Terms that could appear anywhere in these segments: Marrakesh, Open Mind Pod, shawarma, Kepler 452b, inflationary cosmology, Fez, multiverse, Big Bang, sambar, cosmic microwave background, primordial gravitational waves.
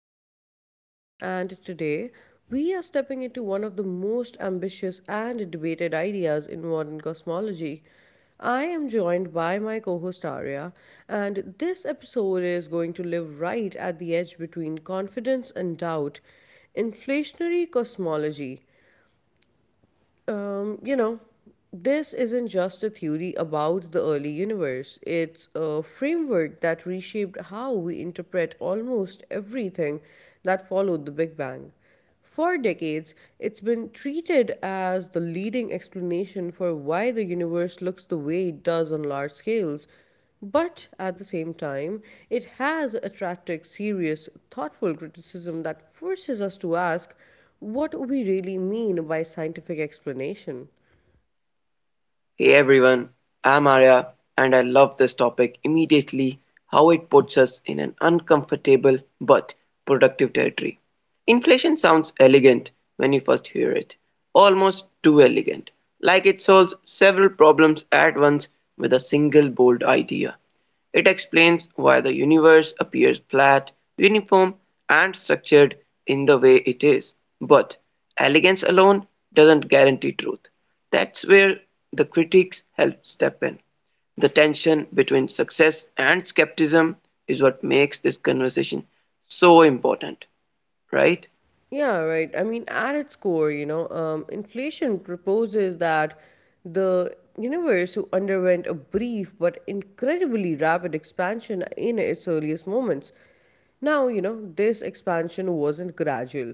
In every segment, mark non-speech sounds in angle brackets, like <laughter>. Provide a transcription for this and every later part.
I'm your host Kiran, and today we are stepping into one of the most ambitious and debated ideas in modern cosmology. I am joined by my co host Arya, and this episode is going to live right at the edge between confidence and doubt inflationary cosmology. um, you know, this isn't just a theory about the early universe. It's a framework that reshaped how we interpret almost everything that followed the Big Bang. For decades, it's been treated as the leading explanation for why the universe looks the way it does on large scales, but at the same time, it has attracted serious, thoughtful criticism that forces us to ask what we really mean by scientific explanation. Hey everyone, I'm Arya and I love this topic immediately how it puts us in an uncomfortable but productive territory. Inflation sounds elegant when you first hear it, almost too elegant, like it solves several problems at once with a single bold idea. It explains why the universe appears flat, uniform, and structured in the way it is. But elegance alone doesn't guarantee truth. That's where the critics help step in. The tension between success and skepticism is what makes this conversation so important, right? Yeah, right. I mean, at its core, inflation proposes that the universe who underwent a brief but incredibly rapid expansion in its earliest moments. Now, you know, this expansion wasn't gradual.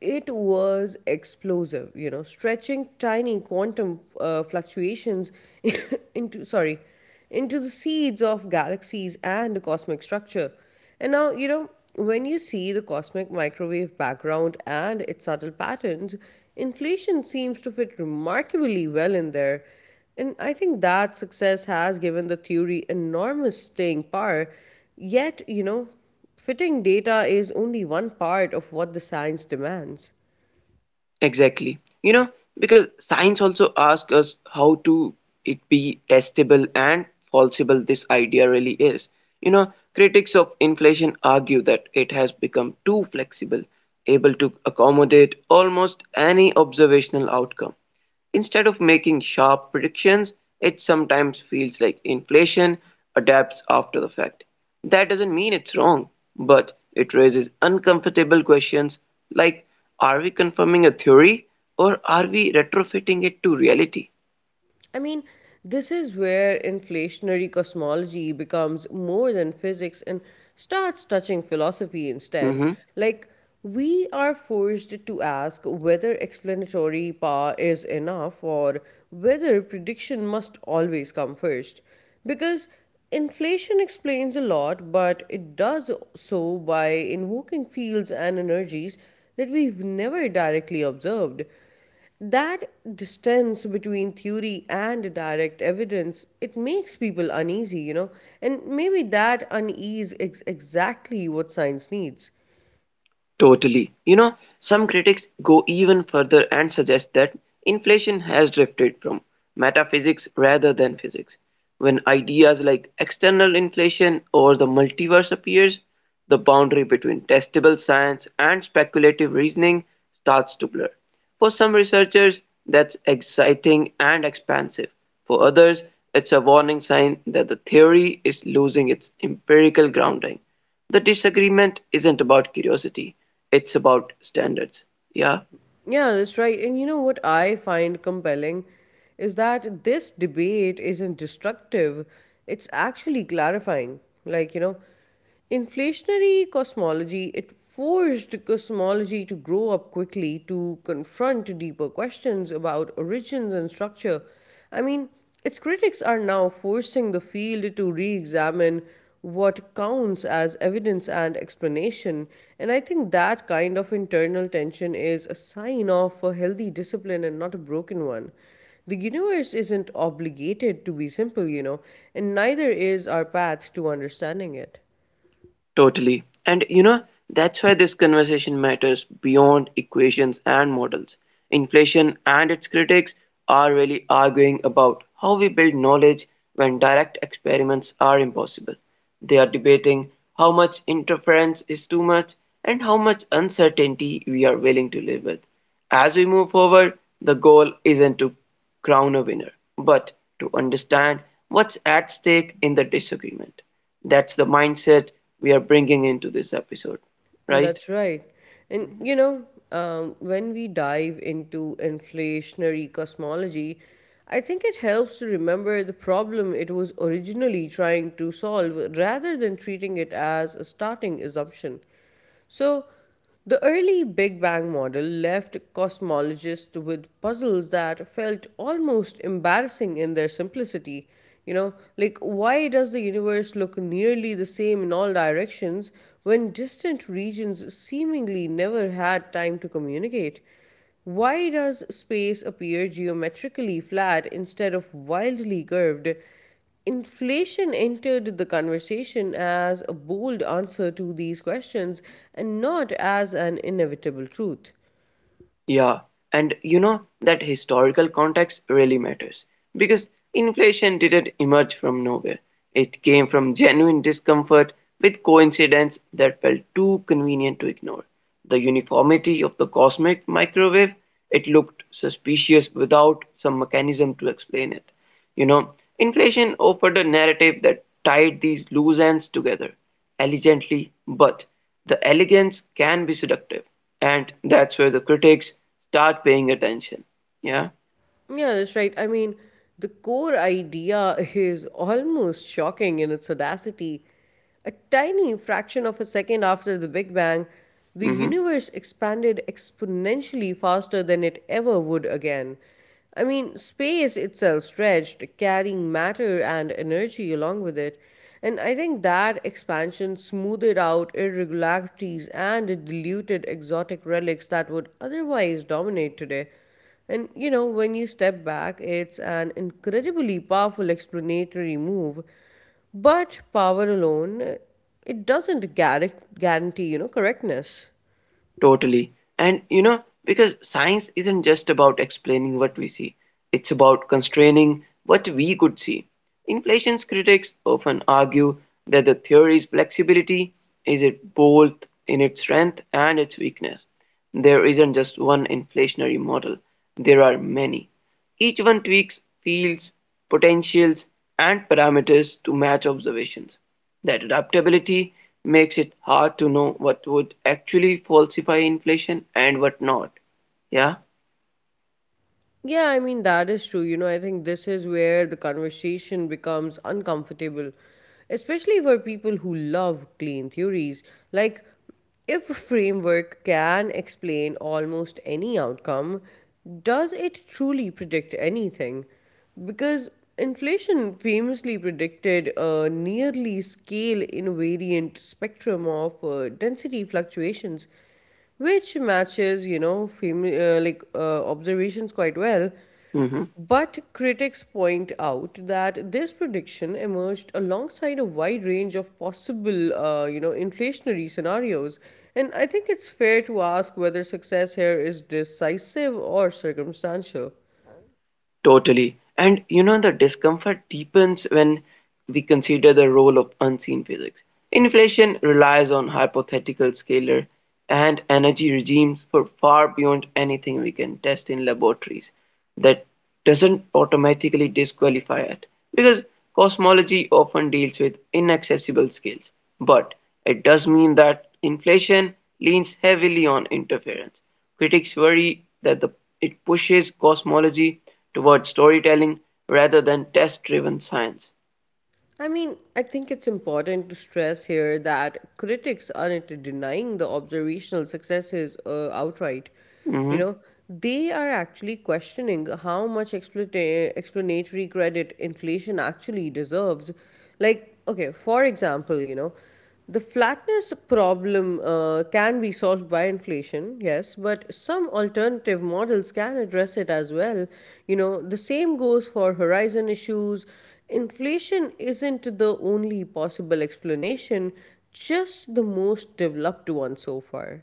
It was explosive, you know, stretching tiny quantum fluctuations <laughs> into, sorry, into the seeds of galaxies and the cosmic structure. And now, you know, when you see the cosmic microwave background and its subtle patterns, inflation seems to fit remarkably well in there. And I think that success has given the theory enormous staying power. Yet, you know, fitting data is only one part of what the science demands. Exactly. You know, because science also asks us how to it be testable and falsifiable this idea really is. You know, critics of inflation argue that it has become too flexible, able to accommodate almost any observational outcome. Instead of making sharp predictions, it sometimes feels like inflation adapts after the fact. That doesn't mean it's wrong, but it raises uncomfortable questions like are we confirming a theory or are we retrofitting it to reality? I mean, this is where inflationary cosmology becomes more than physics and starts touching philosophy instead. Mm-hmm. Like, we are forced to ask whether explanatory power is enough or whether prediction must always come first. Because inflation explains a lot, but it does so by invoking fields and energies that we've never directly observed. That distance between theory and direct evidence, it makes people uneasy, you know, and maybe that unease is exactly what science needs. Totally. You know, some critics go even further and suggest that inflation has drifted from metaphysics rather than physics. When ideas like external inflation or the multiverse appears, the boundary between testable science and speculative reasoning starts to blur. For some researchers, that's exciting and expansive. For others, it's a warning sign that the theory is losing its empirical grounding. The disagreement isn't about curiosity, it's about standards. Yeah? Yeah, that's right. And you know what I find compelling is that this debate isn't destructive, it's actually clarifying. Like, you know, Inflationary cosmology, it forced cosmology to grow up quickly to confront deeper questions about origins and structure. I mean, its critics are now forcing the field to re examine what counts as evidence and explanation, and I think that kind of internal tension is a sign of a healthy discipline and not a broken one. The universe isn't obligated to be simple, you know, and neither is our path to understanding it. Totally. And you know, that's why this conversation matters beyond equations and models. Inflation and its critics are really arguing about how we build knowledge when direct experiments are impossible. They are debating how much interference is too much and how much uncertainty we are willing to live with. As we move forward, the goal isn't to crown a winner, but to understand what's at stake in the disagreement. That's the mindset we are bringing into this episode, right? That's right. And you know, when we dive into inflationary cosmology, I think it helps to remember the problem it was originally trying to solve rather than treating it as a starting assumption. So, the early Big Bang model left cosmologists with puzzles that felt almost embarrassing in their simplicity. You know, like why does the universe look nearly the same in all directions when distant regions seemingly never had time to communicate? Why does space appear geometrically flat instead of wildly curved? Inflation entered the conversation as a bold answer to these questions and not as an inevitable truth. Yeah, and you know that historical context really matters because inflation didn't emerge from nowhere. It came from genuine discomfort with coincidence that felt too convenient to ignore. The uniformity of the cosmic microwave, it looked suspicious without some mechanism to explain it. You know, inflation offered a narrative that tied these loose ends together elegantly, but the elegance can be seductive, and that's where the critics start paying attention. Yeah. Yeah, that's right. I mean, the core idea is almost shocking in its audacity. A tiny fraction of a second after the Big Bang, the Hmm. universe expanded exponentially faster than it ever would again. I mean, space itself stretched, carrying matter and energy along with it. And I think that expansion smoothed out irregularities and diluted exotic relics that would otherwise dominate today. And you know, when you step back, it's an incredibly powerful explanatory move. But power alone, it doesn't guar- guarantee, you know, correctness. Totally. And you know, because science isn't just about explaining what we see, it's about constraining what we could see. Inflation's critics often argue that the theory's flexibility is it both in its strength and its weakness. There isn't just one inflationary model, there are many. Each one tweaks fields, potentials, and parameters to match observations; that adaptability makes it hard to know what would actually falsify inflation and what not. Yeah. Yeah, I mean, that is true. You know, I think this is where the conversation becomes uncomfortable, especially for people who love clean theories. Like, if a framework can explain almost any outcome, does it truly predict anything? Because inflation famously predicted a nearly scale invariant spectrum of density fluctuations which matches, you know, observations quite well. Mm-hmm. But critics point out that this prediction emerged alongside a wide range of possible, inflationary scenarios, and I think it's fair to ask whether success here is decisive or circumstantial. Totally. And you know, the discomfort deepens when we consider the role of unseen physics. Inflation relies on hypothetical scalar and energy regimes for far beyond anything we can test in laboratories. That doesn't automatically disqualify it because cosmology often deals with inaccessible scales. But it does mean that inflation leans heavily on interference. Critics worry that it pushes cosmology towards storytelling rather than test-driven science. I mean, I think it's important to stress here that critics aren't denying the observational successes outright. You Mhm. know, they are actually questioning how much explanatory credit inflation actually deserves. Like, okay, for example, you know, the flatness problem can be solved by inflation, yes, but some alternative models can address it as well. You know, the same goes for horizon issues. Inflation isn't the only possible explanation, just the most developed one so far.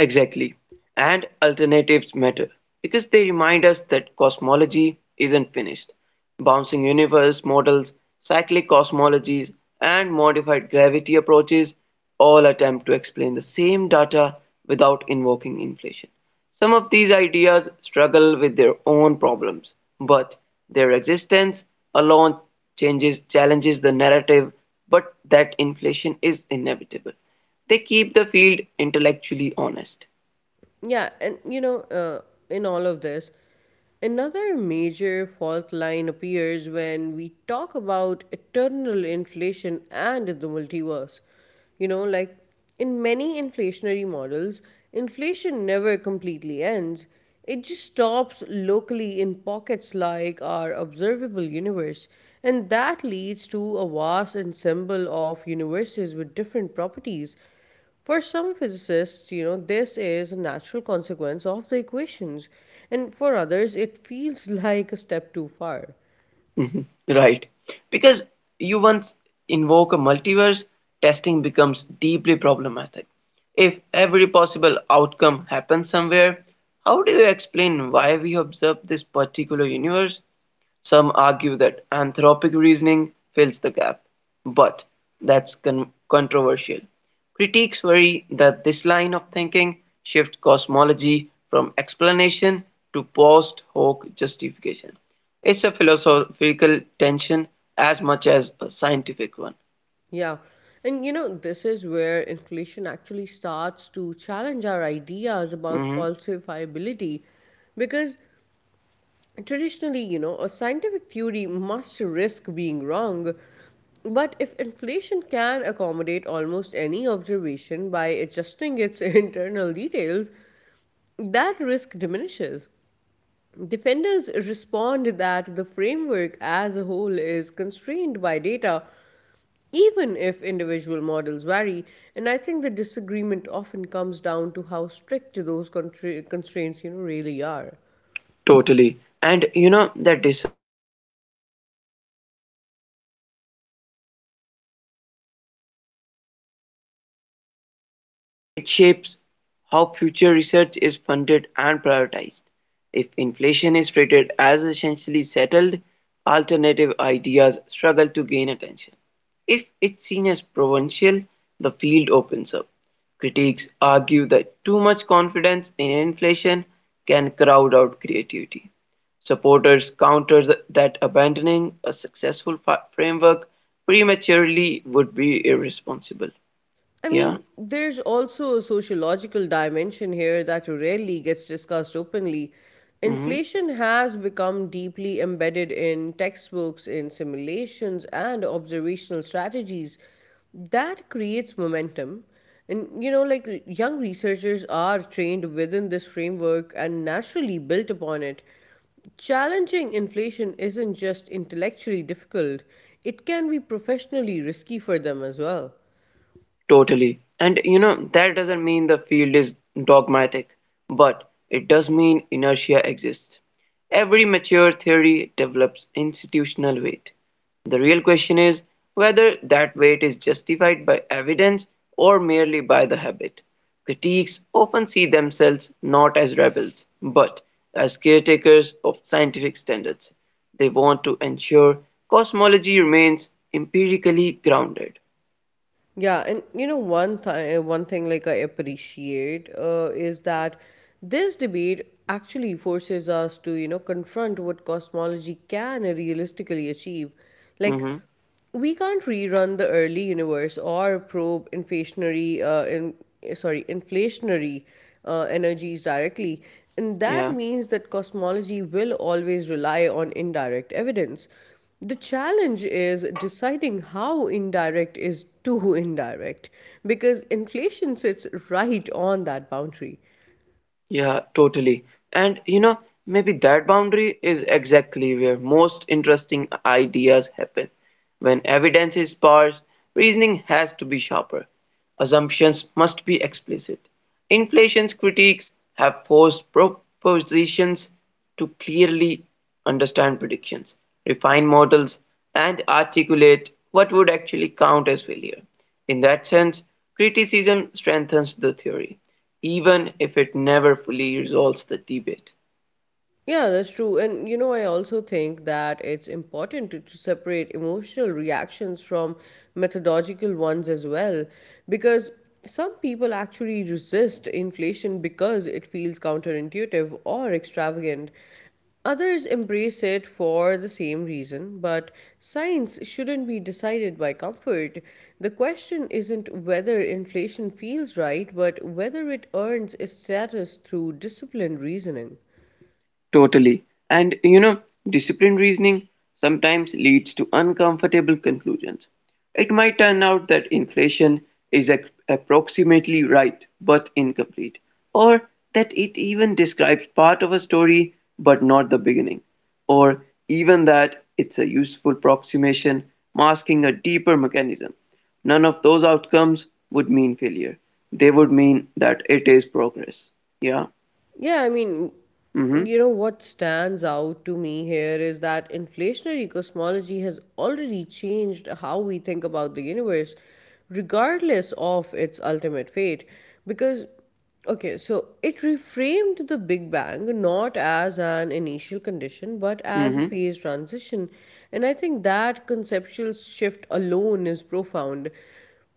Exactly. And alternatives matter because they remind us that cosmology isn't finished. Bouncing universe models, cyclic cosmologies, and modified gravity approaches all attempt to explain the same data without invoking inflation. Some of these ideas struggle with their own problems, but their existence alone changes challenges the narrative but that inflation is inevitable. They keep the field intellectually honest. Yeah, and you know, uh, in all of this, another major fault line appears when we talk about eternal inflation and the multiverse. You know, like in many inflationary models, inflation never completely ends. It just stops locally in pockets like our observable universe, and that leads to a vast ensemble of universes with different properties for some physicists, you know, this is a natural consequence of the equations, and for others, it feels <laughs> like a step too far. <laughs> Right. Because you once invoke a multiverse, testing becomes deeply problematic. If every possible outcome happens somewhere, how do you explain why we observe this particular universe? Some argue that anthropic reasoning fills the gap, but that's controversial. Critics worry that this line of thinking shifts cosmology from explanation to post hoc justification. It's a philosophical tension as much as a scientific one. Yeah, and you know, this is where inflation actually starts to challenge our ideas about Mhm. falsifiability because traditionally, you know, a scientific theory must risk being wrong. But if inflation can accommodate almost any observation by adjusting its <laughs> internal details, that risk diminishes. Defenders respond that the framework as a whole is constrained by data, even if individual models vary, and I think the disagreement often comes down to how strict those constraints, you know, really are. Totally. And you know, that disagreement isn't just academic. It shapes how future research is funded and prioritized. If inflation is treated as essentially settled, alternative ideas struggle to gain attention. If it's seen as provincial, the field opens up. Critics argue that too much confidence in inflation can crowd out creativity. Supporters counter that abandoning a successful framework prematurely would be irresponsible. I Yeah. mean, there's also a sociological dimension here that rarely gets discussed openly. Mm-hmm. Inflation has become deeply embedded in textbooks, in simulations, and observational strategies. That creates momentum. And, you know, like young researchers are trained within this framework and naturally built upon it. Challenging inflation isn't just intellectually difficult, it can be professionally risky for them as well. Totally. And you know, that doesn't mean the field is dogmatic, but it does mean inertia exists. Every mature theory develops institutional weight. The real question is whether that weight is justified by evidence or merely by the habit. Critiques often see themselves not as rebels, but as caretakers of scientific standards. They want to ensure cosmology remains empirically grounded. Yeah, and you know one time one thing like I appreciate is that this debate actually forces us to, you know, confront what cosmology can realistically achieve. Like, Hmm. we can't rerun the early universe or probe inflationary in, sorry inflationary energies directly, and that Yeah. means that cosmology will always rely on indirect evidence. The challenge is deciding how indirect is too indirect, because inflation sits right on that boundary. Yeah, totally. And you know, maybe that boundary is exactly where most interesting ideas happen. When evidence is sparse, reasoning has to be sharper. Assumptions must be explicit. Inflation's critiques have forced propositions to clearly understand predictions, refine models, and articulate what would actually count as failure. In that sense, criticism strengthens the theory, even if it never fully resolves the debate. Yeah, that's true. And you know, I also think that it's important to separate emotional reactions from methodological ones as well, because some people actually resist inflation because it feels counterintuitive or extravagant. Others embrace it for the same reason, but science shouldn't be decided by comfort. The question isn't whether inflation feels right, but whether it earns its status through disciplined reasoning. Totally. And you know, disciplined reasoning sometimes leads to uncomfortable conclusions. It might turn out that inflation is approximately right but incomplete, or that it even describes part of a story but not the beginning, or even that it's a useful approximation masking a deeper mechanism. None of those outcomes would mean failure. They would mean that it is progress. Yeah. Yeah, I mean, Mm-hmm. you know, what stands out to me here is that inflationary cosmology has already changed how we think about the universe, regardless of its ultimate fate. Because, okay, so it reframed the Big Bang not as an initial condition, but as a Mm-hmm. phase transition. And I think that conceptual shift alone is profound,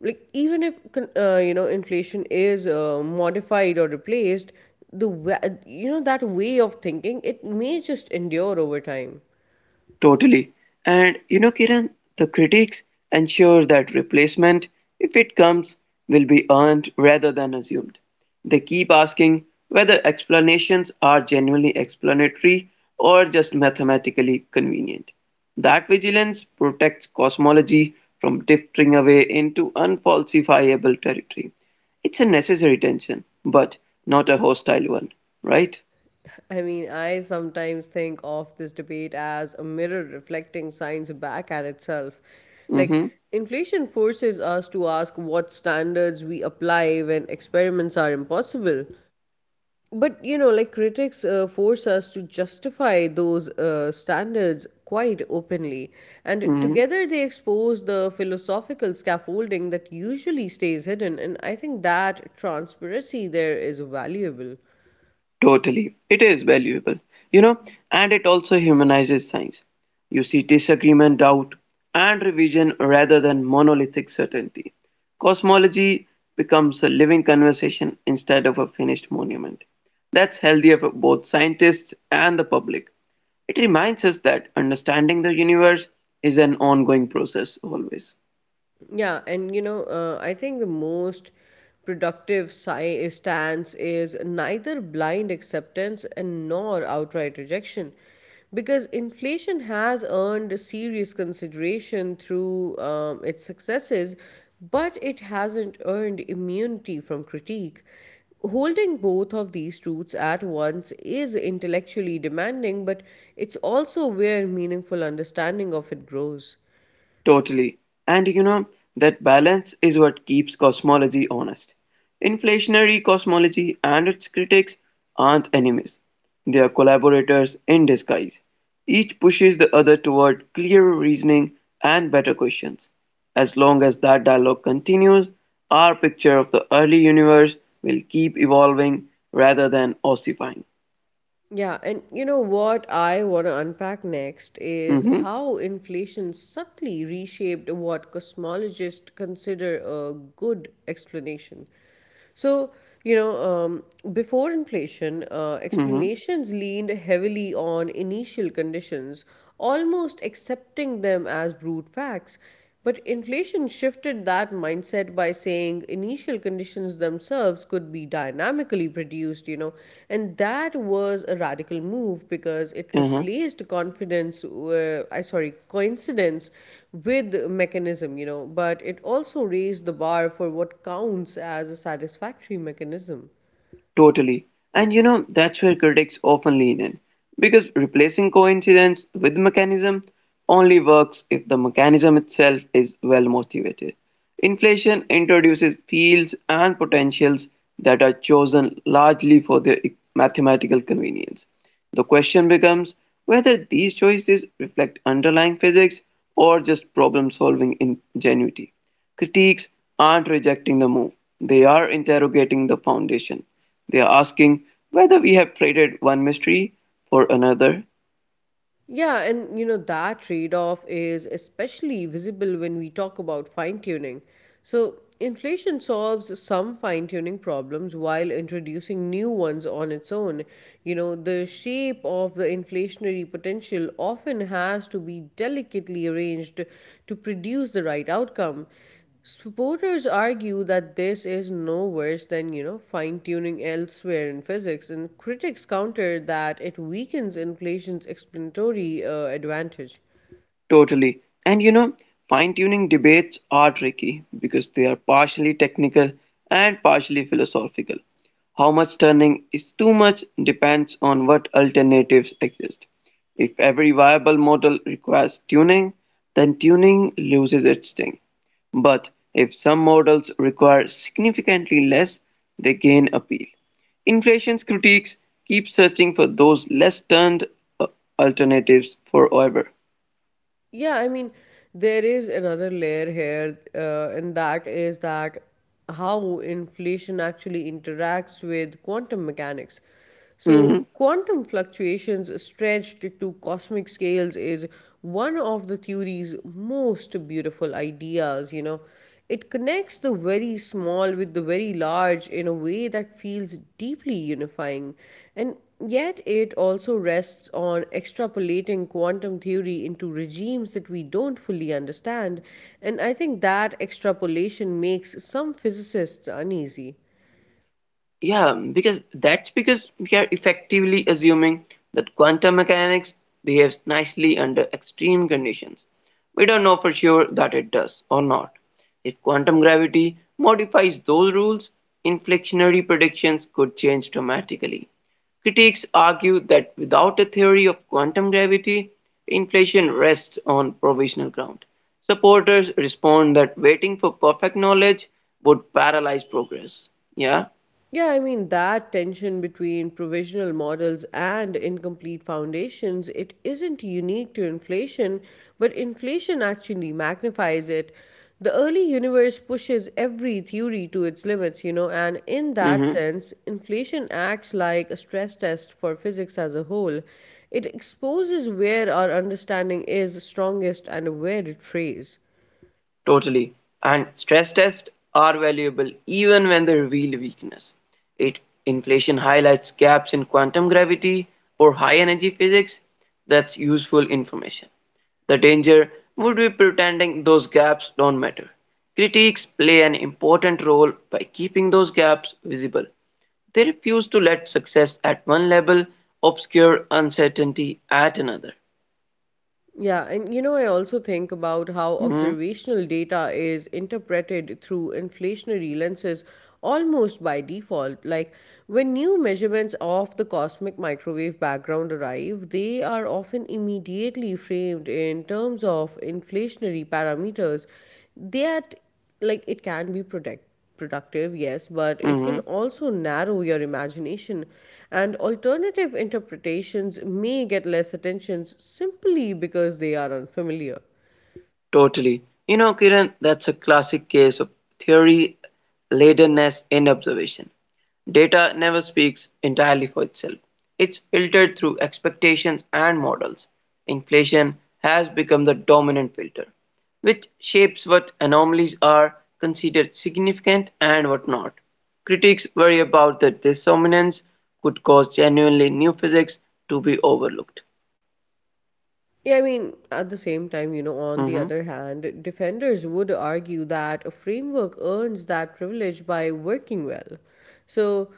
like even if you know, inflation is modified or replaced, the wa- you know, that way of thinking, it may just endure over time. Totally. And you know, Kiran, the critics ensure that replacement, if it comes, will be earned rather than assumed. They keep asking whether explanations are genuinely explanatory or just mathematically convenient. That vigilance protects cosmology from drifting away into unfalsifiable territory. It's a necessary tension, but not a hostile one, right? I mean, I sometimes think of this debate as a mirror reflecting science back at itself, like Mm-hmm. inflation forces us to ask what standards we apply when experiments are impossible. But you know, like critics force us to justify those standards quite openly, and Mm-hmm. together they expose the philosophical scaffolding that usually stays hidden. And I think that transparency there is valuable. Totally. It is valuable, you know, and it also humanizes science. You see disagreement, doubt, and revision rather than monolithic certainty. Cosmology becomes a living conversation instead of a finished monument. That's healthier for both scientists and the public. It reminds us that understanding the universe is an ongoing process always. I think the most productive stance is neither blind acceptance and nor outright rejection, because inflation has earned serious consideration through its successes, but it hasn't earned immunity from critique. Holding both of these truths at once is intellectually demanding, but it's also where meaningful understanding of it grows. Totally. And you know, that balance is what keeps cosmology honest. Inflationary cosmology and its critics aren't enemies, they are collaborators in disguise. Each pushes the other toward clearer reasoning and better questions. As long as that dialogue continues, our picture of the early universe will keep evolving rather than ossifying. Yeah, and you know what I want to unpack next is Mm-hmm. how inflation subtly reshaped what cosmologists consider a good explanation. So, you know, um, before inflation, Mm-hmm. explanations leaned heavily on initial conditions, almost accepting them as brute facts. But inflation shifted that mindset by saying initial conditions themselves could be dynamically produced, you know, and that was a radical move because it Uh-huh. replaced coincidence with mechanism, you know, but it also raised the bar for what counts as a satisfactory mechanism. Totally. And you know, that's where critics often lean in. Because replacing coincidence with mechanism only works if the mechanism itself is well motivated. Inflation introduces fields and potentials that are chosen largely for their mathematical convenience. The question becomes whether these choices reflect underlying physics or just problem solving ingenuity. Critiques aren't rejecting the move, they are interrogating the foundation. They are asking whether we have traded one mystery for another. Yeah, and you know, that trade off is especially visible when we talk about fine tuning. So, inflation solves some fine tuning problems while introducing new ones on its own. You know, the shape of the inflationary potential often has to be delicately arranged to produce the right outcome. Supporters argue that this is no worse than, you know, fine tuning elsewhere in physics, and critics counter that it weakens inflation's explanatory advantage. Totally. And you know, fine-tuning debates are tricky because they are partially technical and partially philosophical. How much turning is too much depends on what alternatives exist. If every viable model requires tuning, then tuning loses its sting. But if some models require significantly less, they gain appeal. Inflation's critiques keep searching for those less turned uh, alternatives forever. Yeah, I mean, there is another layer here, and that is that how inflation actually interacts with quantum mechanics. So, Mhm. quantum fluctuations stretched to cosmic scales is one of the theory's most beautiful ideas, you know. It connects the very small with the very large in a way that feels deeply unifying, and yet it also rests on extrapolating quantum theory into regimes that we don't fully understand, and I think that extrapolation makes some physicists uneasy. Yeah, because that's because we are effectively assuming that quantum mechanics behaves nicely under extreme conditions. We don't know for sure that it does or not. If quantum gravity modifies those rules, inflationary predictions could change dramatically. Critics argue that without a theory of quantum gravity, inflation rests on provisional ground. Supporters respond that waiting for perfect knowledge would paralyze progress. Yeah. Yeah, I mean that tension between provisional models and incomplete foundations, it isn't unique to inflation, but inflation actually magnifies it. The early universe pushes every theory to its limits, you know, and in that Mhm. sense, inflation acts like a stress test for physics as a whole. It exposes where our understanding is strongest and where it frays. Totally. And stress tests are valuable even when they reveal weakness. It inflation highlights gaps in quantum gravity or high energy physics. That's useful information. The danger would be pretending those gaps don't matter. Critics play an important role by keeping those gaps visible. They refuse to let success at one level obscure uncertainty at another. Yeah, and you know, I also think about how Mhm, observational data is interpreted through inflationary lenses almost by default. Like, when new measurements of the cosmic microwave background arrive, they are often immediately framed in terms of inflationary parameters that, like, it can be protect productive, yes, but it can mhm. also narrow your imagination, and alternative interpretations may get less attention simply because they are unfamiliar. Totally. You know, Kiran, that's a classic case of theory ladenness in observation. Data never speaks entirely for itself. It's filtered through expectations and models. Inflation has become the dominant filter, which shapes what anomalies are considered significant and what not. Critics worry about that this dominance could cause genuinely new physics to be overlooked. Yeah, I mean, at the same time, you know, on the Mhm. other hand, defenders would argue that a framework earns that privilege by working well. So,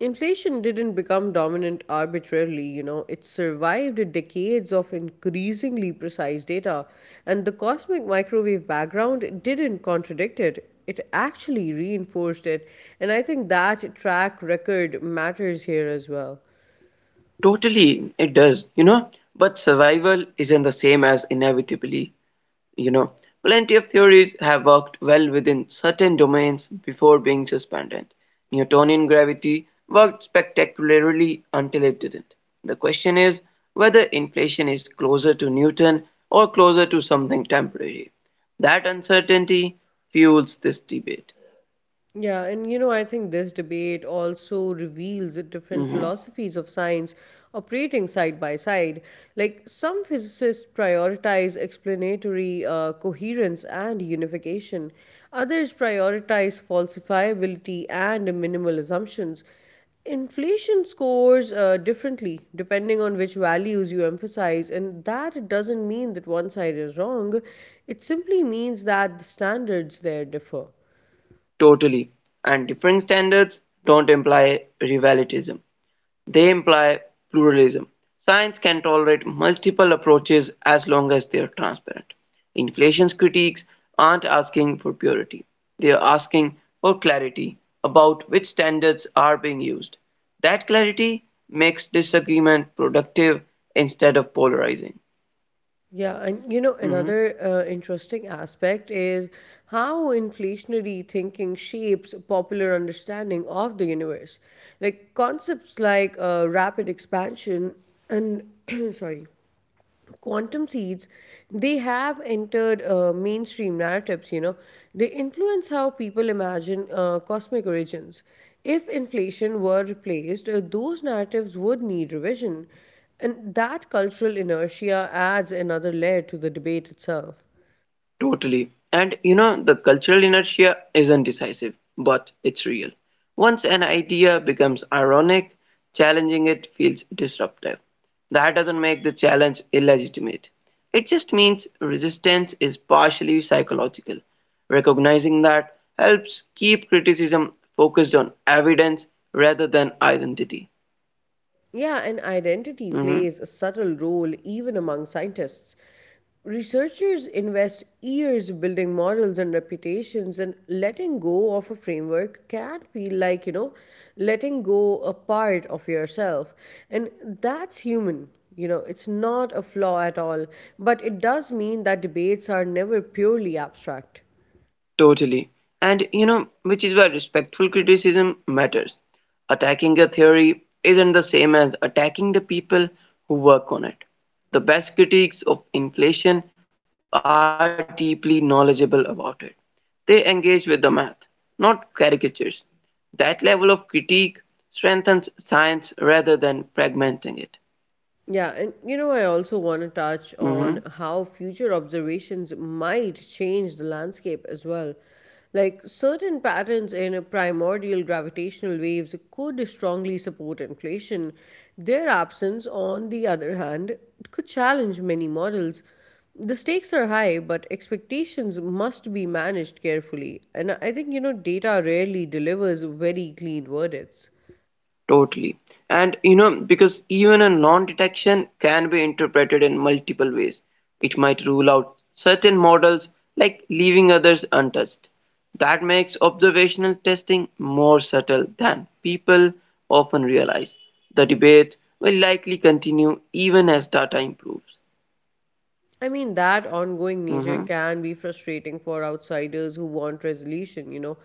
inflation didn't become dominant arbitrarily, you know, it survived decades of increasingly precise data, and the cosmic microwave background didn't contradict it. It actually reinforced it, and I think that track record matters here as well. Totally, it does, you know. But survival isn't the same as inevitably, you know. Plenty of theories have worked well within certain domains before being suspended. Newtonian gravity worked spectacularly until it didn't. The question is whether inflation is closer to Newton or closer to something temporary. That uncertainty fuels this debate. Yeah, and you know, I think this debate also reveals the different philosophies of science operating side by side. Like, some physicists prioritize explanatory coherence and unification, others prioritize falsifiability and minimal assumptions. Inflation scores differently depending on which values you emphasize, and that doesn't mean that one side is wrong, it simply means that the standards there differ. Totally. And differing standards don't imply rivalism. They imply pluralism: science can tolerate multiple approaches as long as they are transparent. Inflation's critiques aren't asking for purity. They are asking for clarity about which standards are being used. That clarity makes disagreement productive instead of polarizing. Yeah, and you know, Mhm. another interesting aspect is how inflationary thinking shapes popular understanding of the universe. Like, concepts like rapid expansion and, <clears throat> sorry, quantum seeds, they have entered mainstream narratives, you know, they influence how people imagine cosmic origins. If inflation were replaced, those narratives would need revision, and that cultural inertia adds another layer to the debate itself. Totally. And you know, the cultural inertia isn't decisive, but it's real. Once an idea becomes ironic, challenging it feels disruptive. That doesn't make the challenge illegitimate. It just means resistance is partially psychological. Recognizing that helps keep criticism focused on evidence rather than identity. Yeah, and identity Mm-hmm. plays a subtle role even among scientists. Researchers invest years building models and reputations, and letting go of a framework can feel like, you know, letting go a part of yourself. And that's human. You know, it's not a flaw at all, but it does mean that debates are never purely abstract. Totally. And you know, which is why respectful criticism matters. Attacking a theory isn't the same as attacking the people who work on it. The best critiques of inflation are deeply knowledgeable about it. They engage with the math, not caricatures. That level of critique strengthens science rather than fragmenting it. Yeah, and you know, I also want to touch Mm-hmm. on how future observations might change the landscape as well. Like, certain patterns in primordial gravitational waves could strongly support inflation. Their absence, on the other hand, could challenge many models. The stakes are high, but expectations must be managed carefully. And I think, you know, data rarely delivers very clean verdicts. Totally. And you know, because even a non detection can be interpreted in multiple ways. It might rule out certain models, like leaving others untouched. That makes observational testing more subtle than people often realize. The debate will likely continue even as data improves. I mean, that ongoing nature Mhm. can be frustrating for outsiders who want resolution, you know.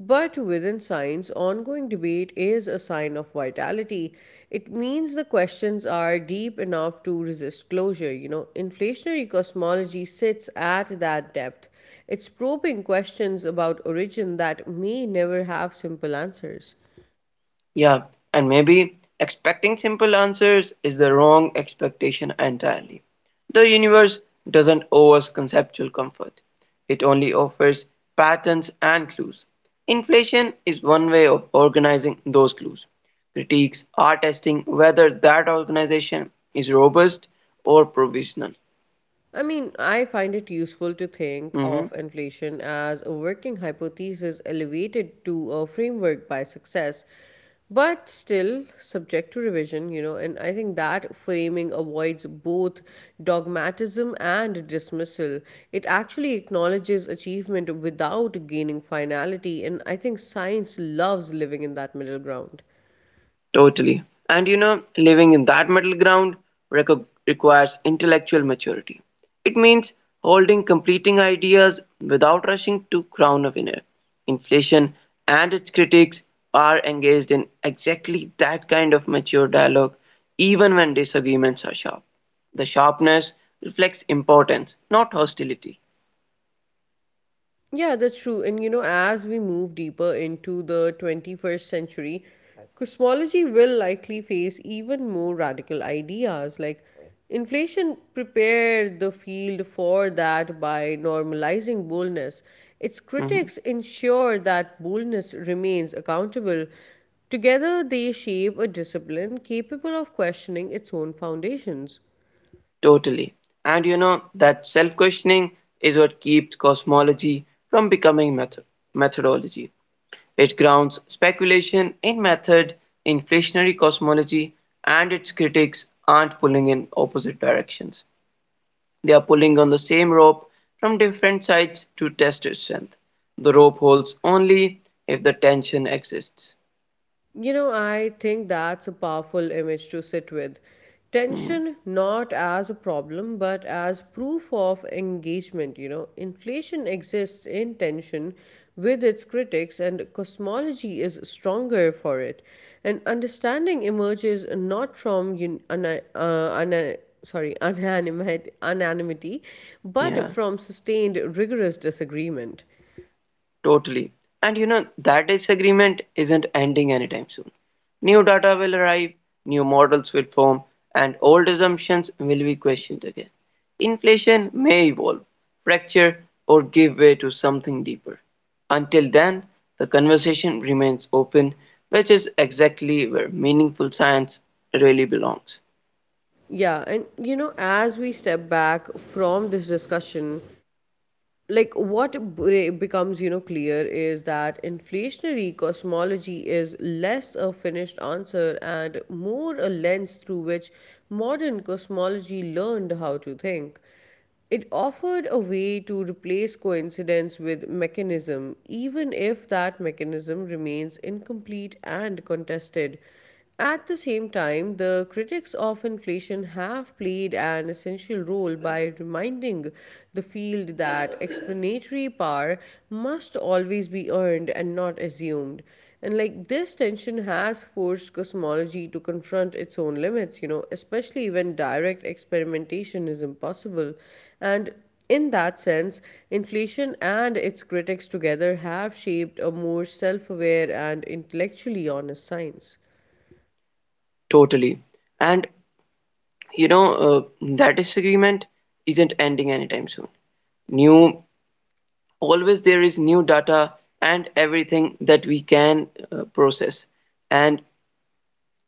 But within science, ongoing debate is a sign of vitality. It means the questions are deep enough to resist closure, you know. Inflationary cosmology sits at that depth. It's probing questions about origin that may never have simple answers. Yeah, and maybe expecting simple answers is the wrong expectation entirely. The universe doesn't owe us conceptual comfort, it only offers patterns and clues. Inflation is one way of organizing those clues. Critiques are testing whether that organization is robust or provisional. I mean, I find it useful to think Mhm. of inflation as a working hypothesis elevated to a framework by success, but still subject to revision, you know. And I think that framing avoids both dogmatism and dismissal. It actually acknowledges achievement without gaining finality, and I think science loves living in that middle ground. Totally. And you know, living in that middle ground requires intellectual maturity. It means holding completing ideas without rushing to crown a winner. Inflation and its critics are engaged in exactly that kind of mature dialogue, even when disagreements are sharp. The sharpness reflects importance, not hostility. Yeah, that's true. And you know, as we move deeper into the 21st century, cosmology will likely face even more radical ideas. Like, inflation prepared the field for that by normalizing boldness. Its Mm-hmm. critics ensure that boldness remains accountable. Together, they shape a discipline capable of questioning its own foundations. Totally. And you know, that self questioning is what keeps cosmology from becoming methodology. It grounds speculation in method, inflationary cosmology, and its critics aren't pulling in opposite directions. They are pulling on the same rope from different sides to test its strength. The rope holds only if the tension exists. You know, I think that's a powerful image to sit with. Tension not as a problem, but as proof of engagement. You know, inflation exists in tension with its critics, and cosmology is stronger for it. And understanding emerges not from sorry, <laughs> unanimate unanimity, but Yeah. from sustained rigorous disagreement. Totally. And you know, that disagreement isn't ending anytime soon. New data will arrive, new models will form, and old assumptions will be questioned again. Inflation may evolve, fracture, or give way to something deeper. Until then, the conversation remains open, which is exactly where meaningful science really belongs. Yeah, and you know, as we step back from this discussion, like, what becomes, you know, clear is that inflationary cosmology is less a finished answer and more a lens through which modern cosmology learned how to think. It offered a way to replace coincidence with mechanism, even if that mechanism remains incomplete and contested. At the same time, the critics of inflation have played an essential role by reminding the field that explanatory power must always be earned and not assumed. And like, this tension has forced cosmology to confront its own limits, you know, especially when direct experimentation is impossible. And in that sense, inflation and its critics together have shaped a more self aware and intellectually honest science. Totally. And you know, that disagreement isn't ending anytime soon. New always there is new data and everything that we can process and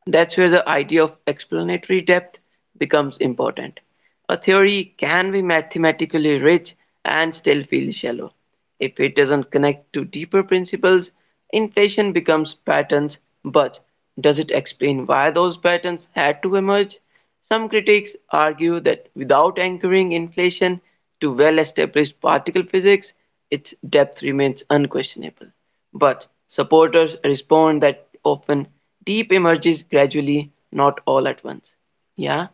that's where the idea of explanatory depth becomes important. A theory can be mathematically rich and still feel shallow. If it doesn't connect to deeper principles, inflation becomes patterns, but does it explain why those patterns had to emerge? Some critics argue that without anchoring inflation to well established particle physics, its depth remains unquestionable. But supporters respond that often deep emerges gradually, not all at once. Yeah,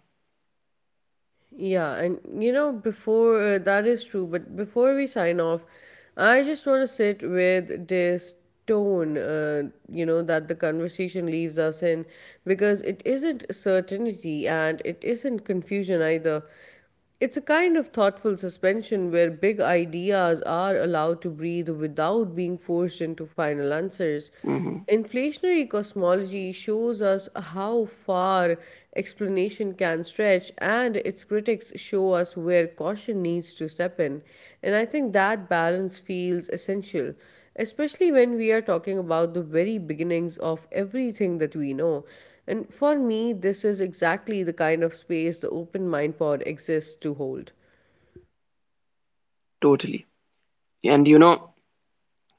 Yeah, and you know, before that is true, but before we sign off, I just want to sit with this tone, you know, that the conversation leaves us in, because it isn't certainty and it isn't confusion either. It's a kind of thoughtful suspension where big ideas are allowed to breathe without being forced into final answers. mhm, Inflationary cosmology shows us how far explanation can stretch, and its critics show us where caution needs to step in. And I think that balance feels essential, especially when we are talking about the very beginnings of everything that we know. And for me, this is exactly the kind of space the Open Mind Pod exists to hold. totally. And you know,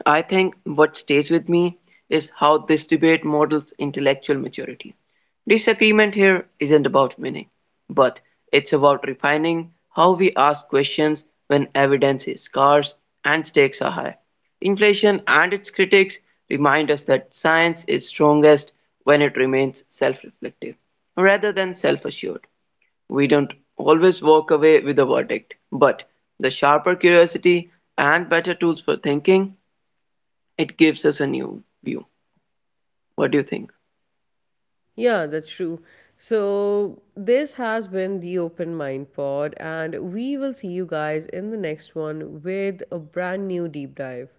I think what stays with me is how this debate models intellectual maturity. Disagreement here isn't about winning, but it's about refining how we ask questions when evidence is scarce and stakes are high. Inflation and its critics remind us that science is strongest when it remains self reflective rather than self assured. We don't always walk away with a verdict, but the sharper curiosity and better tools for thinking it gives us a new view. What do you think? Yeah, that's true. So, this has been the Open Mind Pod, and we will see you guys in the next one with a brand new deep dive.